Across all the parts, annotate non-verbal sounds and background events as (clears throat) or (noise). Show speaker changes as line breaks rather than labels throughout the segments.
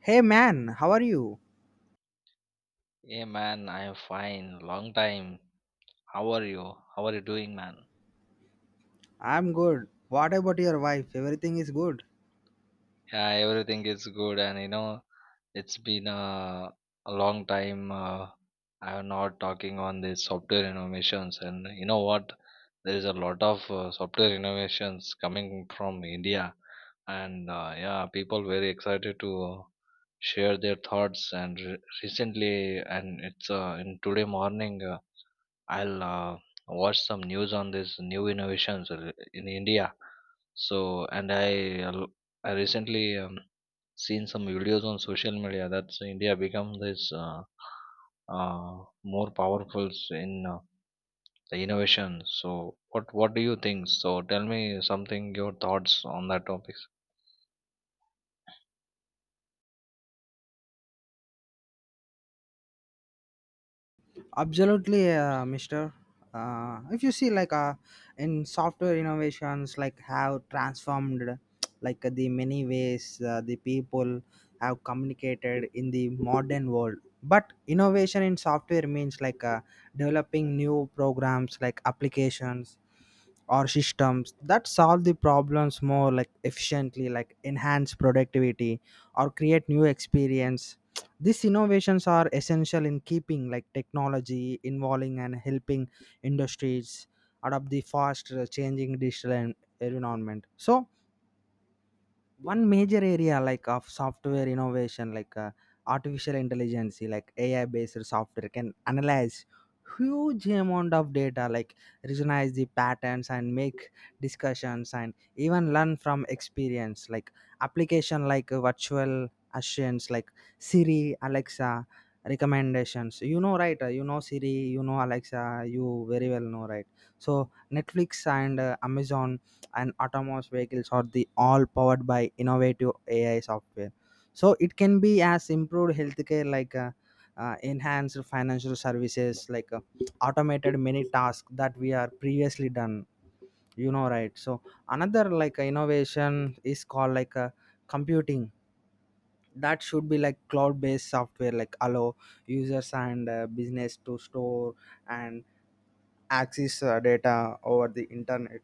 Hey man, how are you?
Hey man, I am fine. Long time. How are you? How are you doing, man?
I'm good. What about your wife? Everything is good.
Yeah, everything is good, and it's been a long time. I am not talking on the software innovations, and you know what? There is a lot of software innovations coming from India, and yeah, people very excited to share their thoughts. And recently, and it's in today morning. I'll watch some news on this new innovations in India. So, and I recently seen some videos on social media that's India become this more powerful in the innovation. So, what do you think? So, tell me something your thoughts on that topic.
Absolutely, Mister. If you see, in software innovations, like, have transformed, like, the many ways the people have communicated in the modern world. But innovation in software means developing new programs, like applications or systems that solve the problems more like efficiently, like enhance productivity or create new experience. These innovations are essential in keeping like technology involving and helping industries adapt the fast changing digital environment. So one major area like of software innovation artificial intelligence like ai based software can analyze huge amount of data like recognize the patterns and make discussions and even learn from experience like application virtual assurance like siri alexa recommendations, you know, right? You know siri, you know alexa, you very well know, right? So netflix and amazon and autonomous vehicles are the all powered by innovative AI software. So it can be as improved healthcare enhanced financial services automated many tasks that we are previously done. You know, right? So another innovation is called computing. That should be like cloud-based software like allow users and business to store and access data over the internet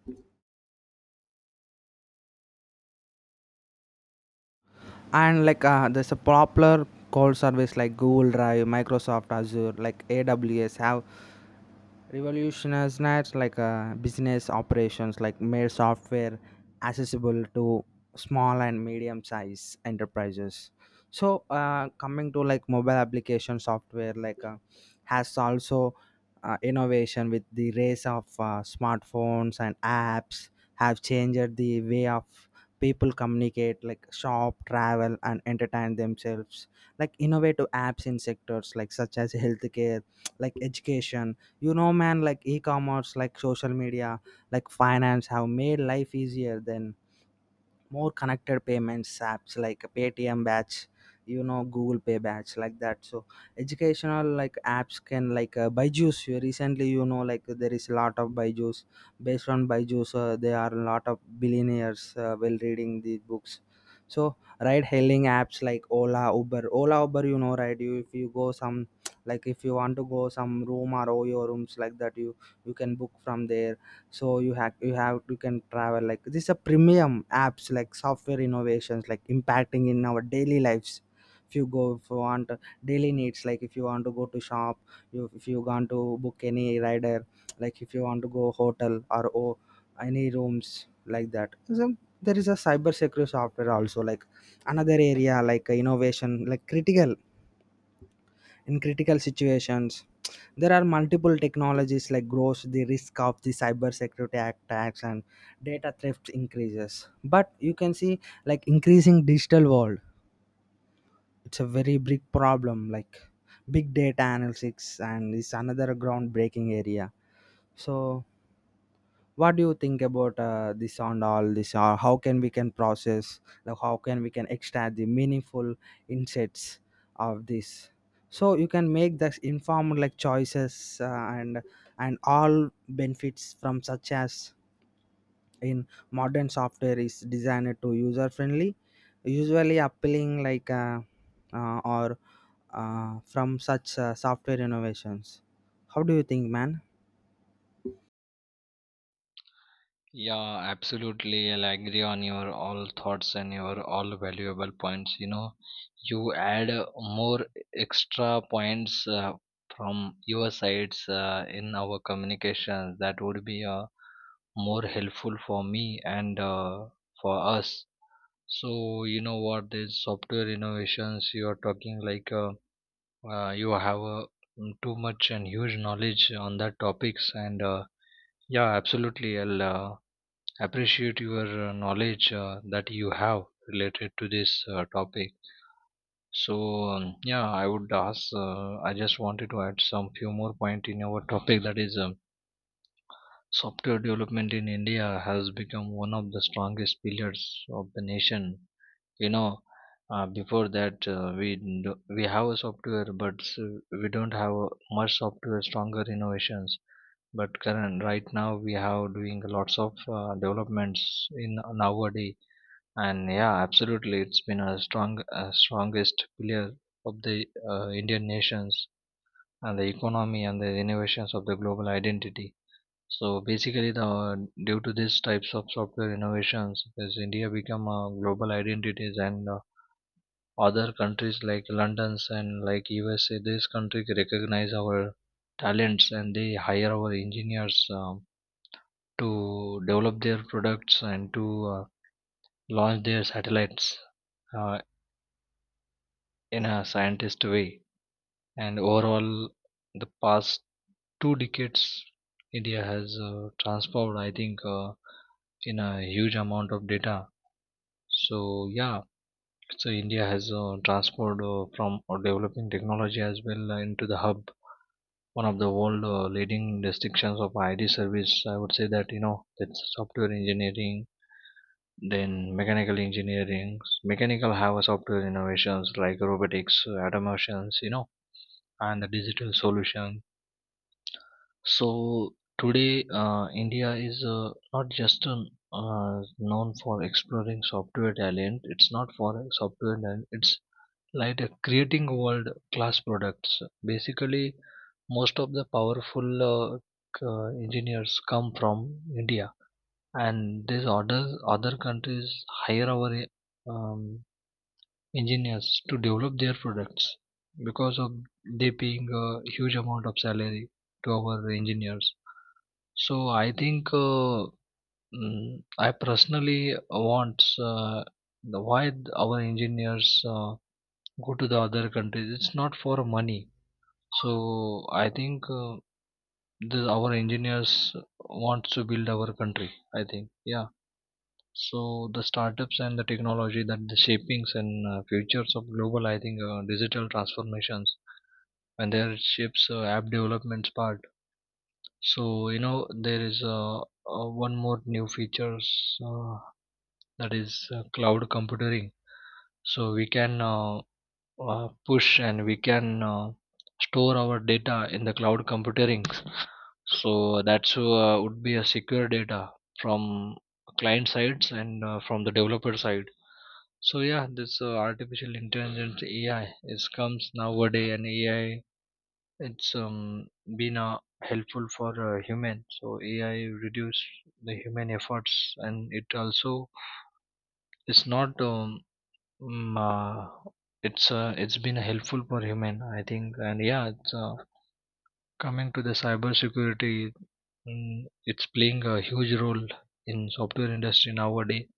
and there's a popular call service like google drive microsoft azure like aws have revolutionized not business operations like made software accessible to small and medium size enterprises. So coming to like mobile application software has also innovation with the rise of smartphones and apps have changed the way of people communicate like shop travel and entertain themselves like innovative apps in sectors like such as healthcare like education, you know man, like e-commerce like social media like finance have made life easier than more connected. Payments apps like paytm batch, you know google pay batch like that. So educational like apps can byju's, you recently you know like there is a lot of byju's based on byju's, there are a lot of billionaires while reading these books. So ride hailing apps like ola uber ola uber, you know, right? you If you go some like if you want to go some room or oyo rooms like that, you can book from there. So you have you can travel like this is a premium apps like software innovations like impacting in our daily lives. If you go if you want daily needs like if you want to go to shop, you if you want to book any rider, like if you want to go hotel or any rooms like that. So there is a cyber security software also like another area innovation like critical in critical situations. There are multiple technologies like grows the risk of the cybersecurity attacks and data theft increases, but you can see like increasing digital world it's a very big problem like big data analytics and is another groundbreaking area. So what do you think about this and all this, or how can we can process like how can we can extract the meaningful insights of this, so you can make the informed like choices and and all benefits from such as in modern software is designed to user friendly usually appealing like or from such software innovations? How do you think, man?
Yeah, absolutely. I'll agree on your all thoughts and your all valuable points. You add more extra points from your sides in our communications. That would be more helpful for me and for us. So, you know what, these software innovations you are talking like you have too much and huge knowledge on that topics and yeah, absolutely. I'll appreciate your knowledge that you have related to this topic. So yeah, I would ask I just wanted to add some few more point in our topic, that is software development in India has become one of the strongest pillars of the nation. you know Before that we have a software, but s we don't have a much software stronger innovations. But current right now we have doing lots of developments in nowadays. And yeah, absolutely, it's been a strongest pillar of the Indian nations and the economy and the innovations of the global identity. So basically, the due to these types of software innovations, has India become a global identities. And other countries like London's and like USA, these countries recognize our talents and they hire our engineers to develop their products and to launch their satellites uh, in a scientist way. And overall, the past 2 decades, India has transformed, I think, in a huge amount of data. So, yeah, so India has transformed from developing technology as well into the hub. One of the world leading distinctions of IT service, I would say that that's software engineering, then mechanical engineering. Mechanical have a software innovations like robotics, automations, and the digital solution. So today, India is not just known for exploring software talent. It's not for software talent. It's like a creating world class products. Basically, most of the powerful uh, engineers come from India, and these other countries hire our um, engineers to develop their products, because of they paying a huge amount of salary to our engineers. So I think I personally want why our engineers go to the other countries. It's not for money. So I think our engineers wants to build our country. I think yeah. So the startups and the technology that the shapings and futures of global, I think, digital transformations and their shapes app developments part. So there is one more new features uh, that is cloud computing. So we can push and we can store our data in the cloud computing. So that's would be a secure data from client sides and from the developer side. So yeah, this artificial intelligence AI is comes nowadays, and AI it's been helpful for human. So AI reduce the human efforts, and it also it's not, mm, uh, it's been helpful for human, I think. And yeah, it's coming to the cybersecurity, it's playing a huge role in software industry nowadays,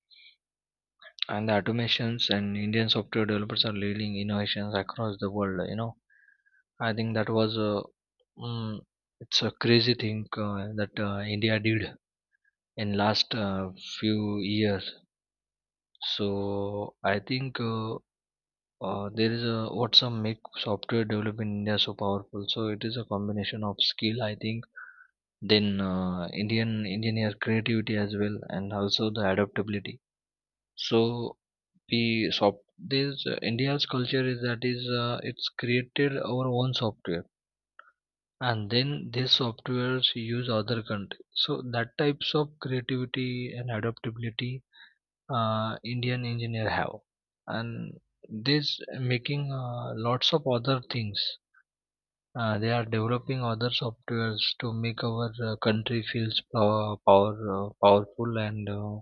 and the automations and Indian software developers are leading innovations across the world. I think that was mm, it's a crazy thing that India did in last few years. So I think there is a what's a make software develop in India so powerful. So it is a combination of skill, I think, then Indian engineer creativity as well, and also the adaptability. So the soft this india's culture is that is it's created our own software, and then these softwares use other country. So that types of creativity and adaptability indian engineer have, and this making lots of other things. They are developing other softwares to make our country feels powerful and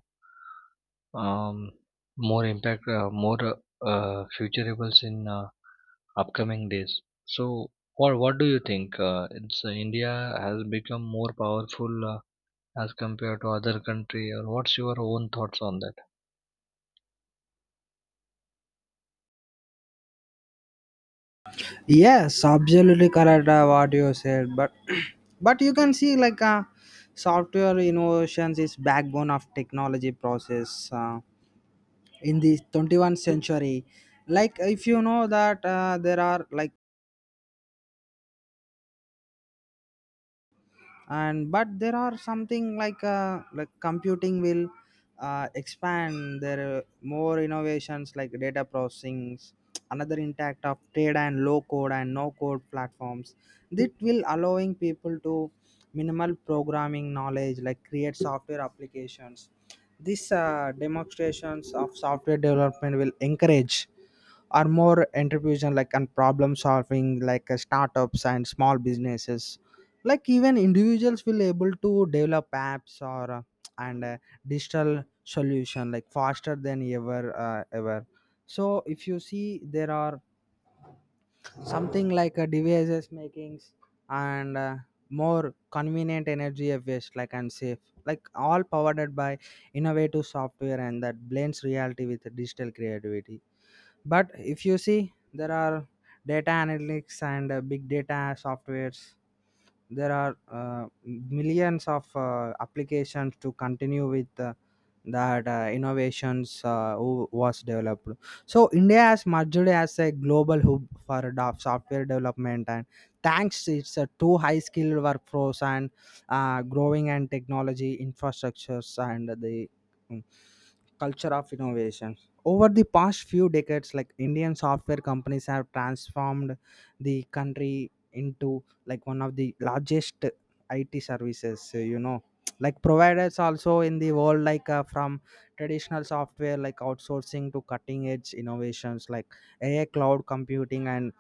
um, more impact, more futurables in upcoming days. So, what do you think? It's India has become more powerful as compared to other country, or what's your own thoughts on that?
Yes, absolutely correct what you said. But (clears throat) but you can see software innovations is backbone of technology process in the 21st century. Like if you know that there are like and but there are something like computing will expand. There are more innovations like data processing another intact of trade and low code and no code platforms that will allowing people to minimal programming knowledge like create software applications. These demonstrations of software development will encourage or more entrepreneurship like and problem solving startups and small businesses like even individuals will able to develop apps or and digital solution like faster than ever. So if you see there are something devices makings and more convenient energy efficient like and safe like all powered by innovative software, and that blends reality with digital creativity. But if you see there are data analytics and big data softwares. There are millions of applications to continue with that innovations who was developed. So india has merged as a global hub for software development, and thanks to its two high skilled workforce and growing and technology infrastructures and the mm, culture of innovation over the past few decades. Like indian software companies have transformed the country into like one of the largest IT services, you know, like providers also in the world, from traditional software, like outsourcing to cutting edge innovations like AI, cloud computing, and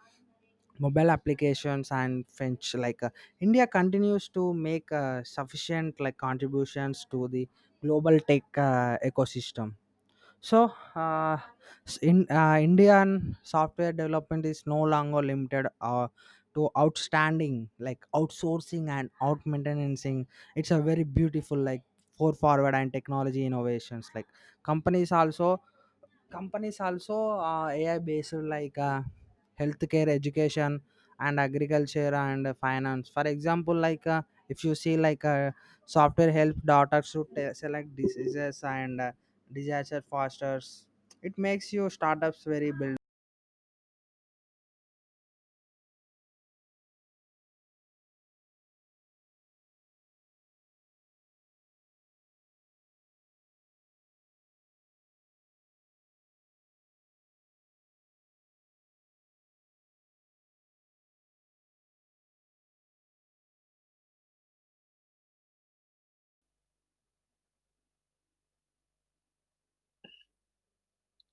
mobile applications and French. India continues to make sufficient like contributions to the global tech ecosystem. So, s- in Indian software development is no longer limited to outstanding like outsourcing and out maintaining. It's a very beautiful like forward and technology innovations. Like companies also companies also ai based healthcare education and agriculture and finance, for example. If you see software help doctors to select diseases and disaster fosters. It makes you startups very build.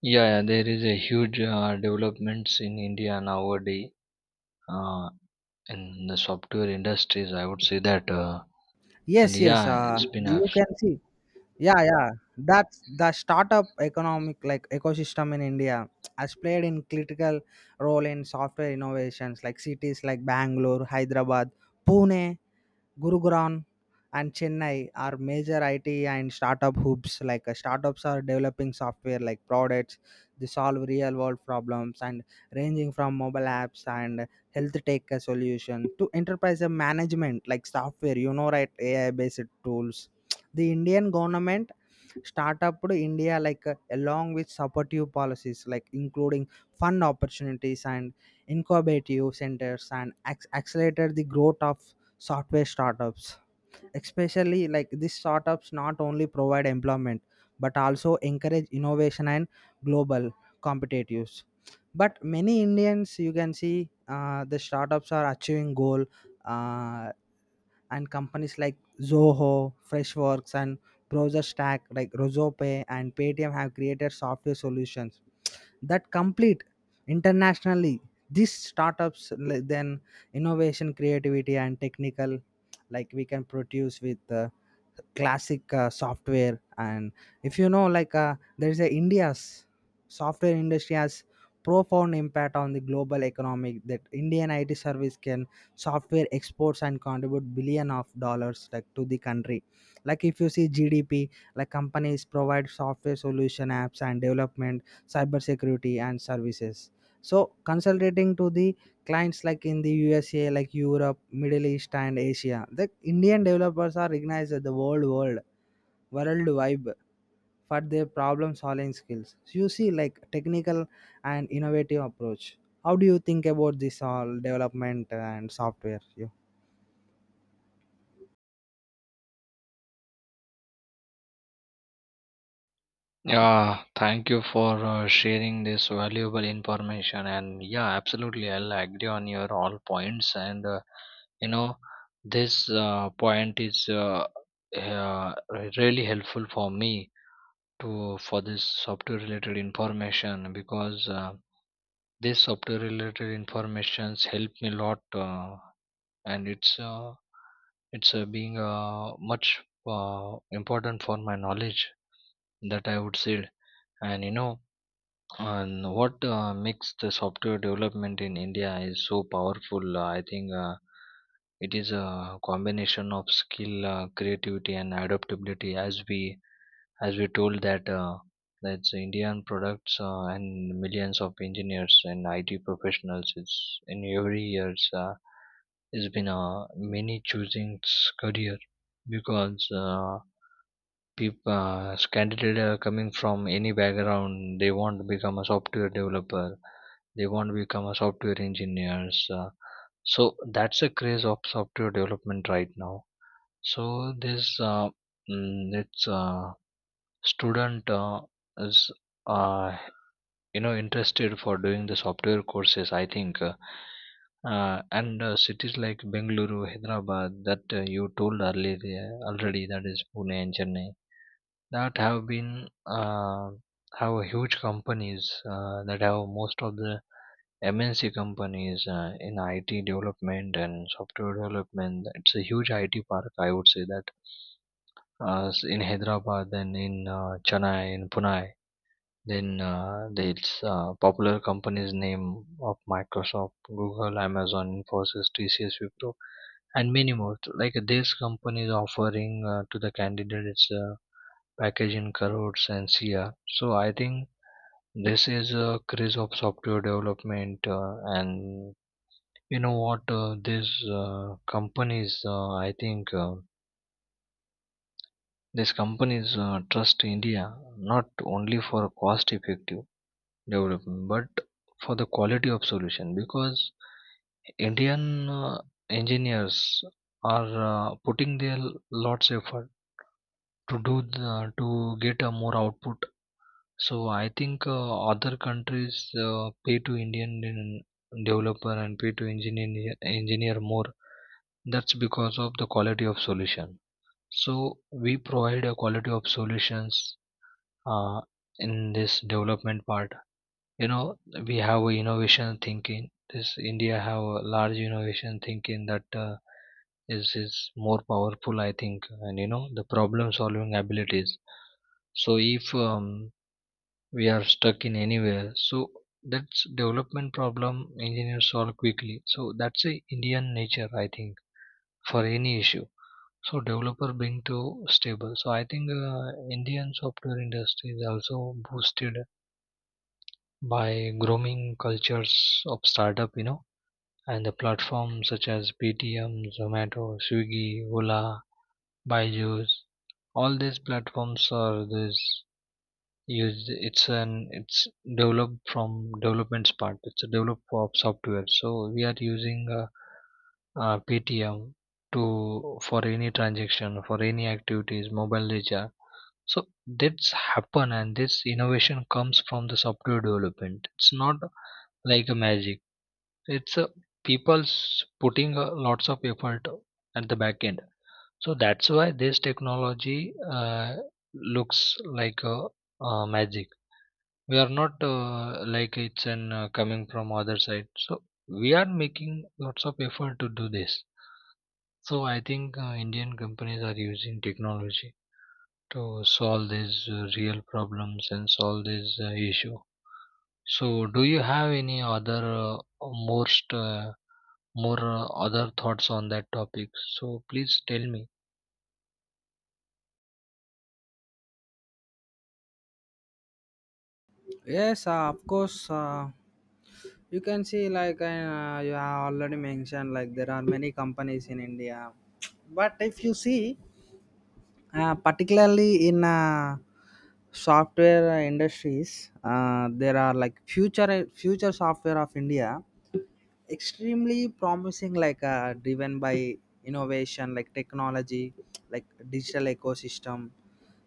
Yeah, yeah, there is a huge developments in India nowadays uh, in the software industries. I would say that, and
Yes, yes,
yeah, it's been a.
you can see. Yeah, yeah, that's the startup economic like ecosystem in india has played in critical role in software innovations. Like cities like bangalore hyderabad pune Gurugram and Chennai are major IT and startup hubs. Startups are developing software like products, they solve real world problems and ranging from mobile apps and health tech solution to enterprise management like software. You know, right? AI based tools. The Indian government startup to India along with supportive policies like including fund opportunities and incubative centers and accelerated the growth of software startups, especially like these startups not only provide employment but also encourage innovation and global competitiveness. But many indians, you can see the startups are achieving goal, uh, and companies like zoho freshworks and browser stack like Rosope and paytm have created software solutions that complete internationally. These startups then innovation creativity and technical like we can produce with classic software. And if you know there's a india's software industry has profound impact on the global economic, that indian it service can software exports and contribute billion of dollars like to the country. Like if you see gdp like companies provide software solution apps and development cybersecurity and services. So consulting to the clients like in the USA, like Europe, Middle East and Asia, the Indian developers are recognized as the world vibe for their problem solving skills. So you see like technical and innovative approach. How do you think about this all development and software? You?
Yeah, thank you for sharing this valuable information. And yeah, absolutely, I'll agree on your all points. And you know, this point is uh, really helpful for me to for this software related information, because this software related informations help me a lot, and it's being much important for my knowledge, that I would say. And you know and what makes the software development in India is so powerful? I think it is a combination of skill, creativity, and adaptability. As we told that that's Indian products and millions of engineers and IT professionals. It's in every years it's been many choosing career because. People candidate are coming from any background. They want to become a software developer, they want to become a software engineers, so that's a craze of software development right now. So this mm, it's student is uh, interested for doing the software courses, I think. And cities like Bengaluru, Hyderabad, that you told earlier already, that is Pune and Chennai, that have been have huge companies that have most of the MNC companies in IT development and software development. It's a huge IT park, I would say that in Hyderabad, then in Chennai, in Pune. Then it's popular companies name of Microsoft, Google, Amazon, Infosys, TCS, Wipro, and many more. So, like these companies offering to the candidates. Package in crores and CR. So I think this is a craze of software development, and you know what? These companies, I think, these companies trust India not only for cost-effective development, but for the quality of solution, because Indian engineers are putting their lots effort to to get a more output. So I think other countries pay to Indian developer, and pay to engineer more. That's because of the quality of solution. So we provide a quality of solutions uh, in this development part. You know we have a innovation thinking. This India have a large innovation thinking, that is more powerful I think, and you know the problem solving abilities. So if we are stuck in anywhere, so that's development problem engineers solve quickly, so that's a indian nature I think, for any issue. So developer being too stable. So I think Indian software industry is also boosted by growing cultures of startup, and the platforms such as PTM, Zomato, Swiggy, Ola, Byju's, all these platforms are this. Yes, it's developed from developments part. It's a develop of software. So we are using PTM to for any transaction, for any activities, mobile data. So that's happen, and this innovation comes from the software development. It's not like a magic. It's a people's putting lots of effort at the back end. So that's why this technology looks like magic. We are not like it's an coming from other side. So we are making lots of effort to do this. So I think Indian companies are using technology to solve these real problems, and solve this issue. So do you have any other most more other thoughts on that topic? So please tell me.
Yes, of course. You can see you have already mentioned like there are many companies in India. But if you see, particularly in software industries, there are like future software of India, extremely promising. Driven by innovation, like technology, like digital ecosystem.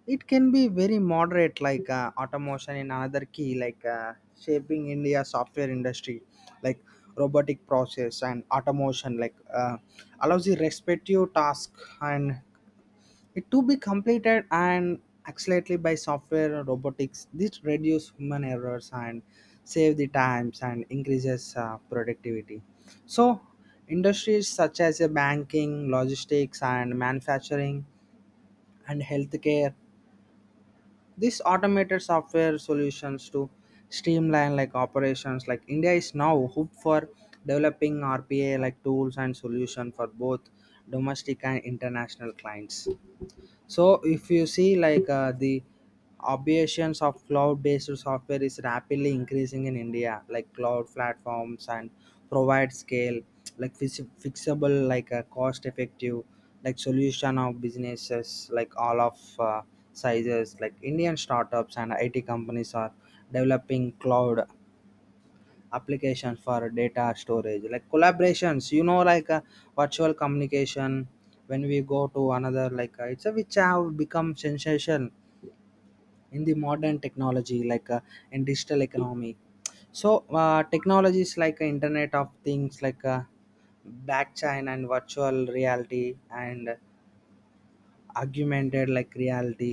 It can be very moderate, automation in another key, shaping India software industry, like robotic process and automation, allows the respective task and it to be completed and accelerated by software or robotics. This reduce human errors and save the times and increases productivity. So industries such as banking, logistics, and manufacturing and healthcare. These automated software solutions to streamline like operations like India is now hope for developing RPA like tools and solution for both domestic and international clients. So if you see the obviations of cloud-based software is rapidly increasing in India, like cloud platforms and provide scale, like fixable, cost-effective, like solution of businesses, like all of sizes, like Indian startups and IT companies are developing cloud application for data storage like collaborations, you know, virtual communication. When we go to another it's a which have become sensation in the modern technology in digital economy. So technologies like internet of things blockchain and virtual reality and augmented like reality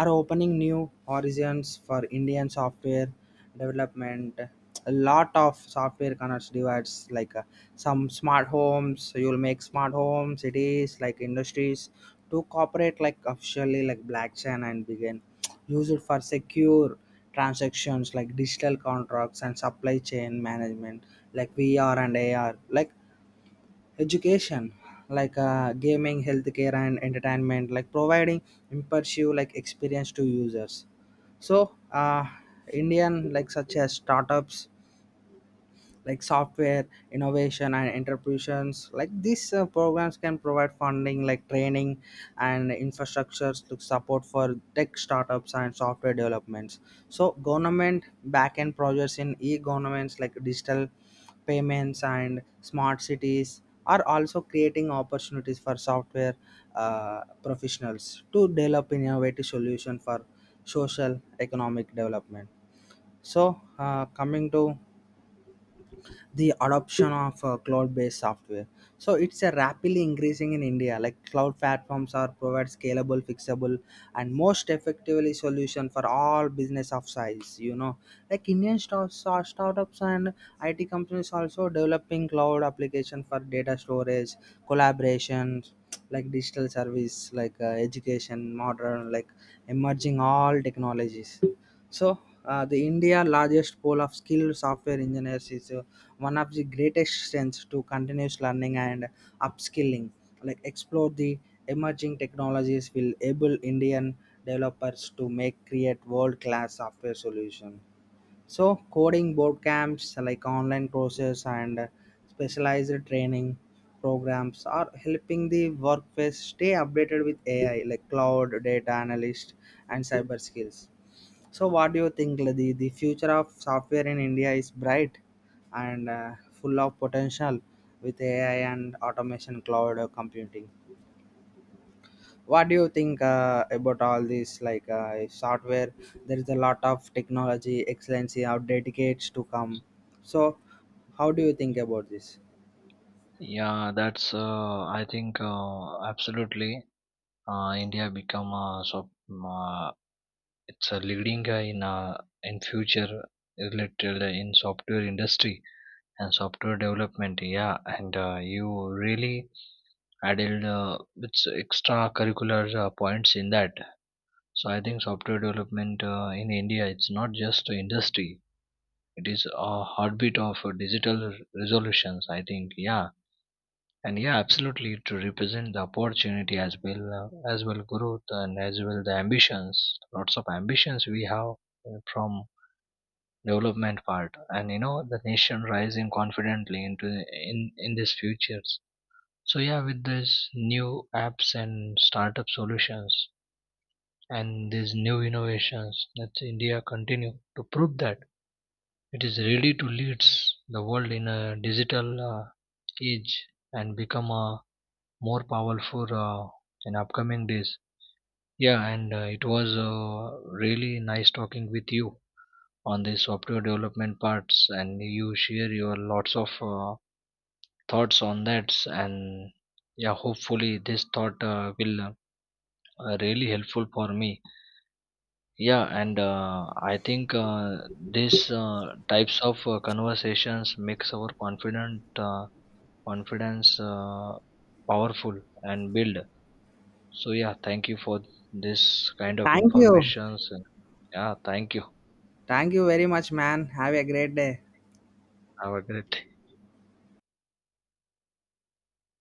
are opening new horizons for indian software development. A lot of software connects devices some smart homes you'll make smart home cities like industries to cooperate like officially like blockchain and begin use it for secure transactions like digital contracts and supply chain management like vr and ar like education gaming healthcare and entertainment like providing immersive like experience to users. So indian like such as startups like software innovation and entrepreneurs like these programs can provide funding like training and infrastructures to support for tech startups and software developments. So government backend projects in e-governments like digital payments and smart cities are also creating opportunities for software professionals to develop innovative solution for social economic development. So coming to the adoption of cloud-based software, so it's a rapidly increasing in india. Like cloud platforms are provide scalable fixable and most effectively solution for all business of size, you know, like indian startups and it companies also developing cloud application for data storage collaborations like digital service education modern like emerging all technologies. So, the India largest pool of skilled software engineers is one of the greatest strengths to continuous learning and upskilling. Like explore the emerging technologies will enable Indian developers to make create world class software solution. So, coding boot camps like online courses and specialized training programs are helping the workforce stay updated with AI like cloud data analyst and cyber skills. So, what do you think? Like, The future of software in India is bright and full of potential with AI and automation, cloud computing. What do you think about all this? Like if software, there is a lot of technology, excellency, or dedicates to come. So, how do you think about this?
Yeah, that's I think absolutely India become it's a leading guy in future related in software industry and software development, yeah. And you really added it's extra curricular points in that. So I think software development in India, it's not just an industry, it is a heartbeat of digital resolutions, I think, yeah. And yeah, absolutely, to represent the opportunity, as well growth and as well the ambitions, lots of ambitions we have from development part. And you know the nation rising confidently into in this futures. So yeah, with this new apps and startup solutions and these new innovations, that India continue to prove that it is ready to lead the world in a digital age, and become a more powerful in upcoming days. Yeah, and it was really nice talking with you on the software development parts, and you share your lots of thoughts on that. And yeah, hopefully this thought will really helpful for me. Yeah, and I think these types of conversations makes our confident confidence powerful and build. So yeah, thank you for this kind of
Thank you.
informations, and yeah, thank you,
Thank you very much, man. Have a great day.
have a great day.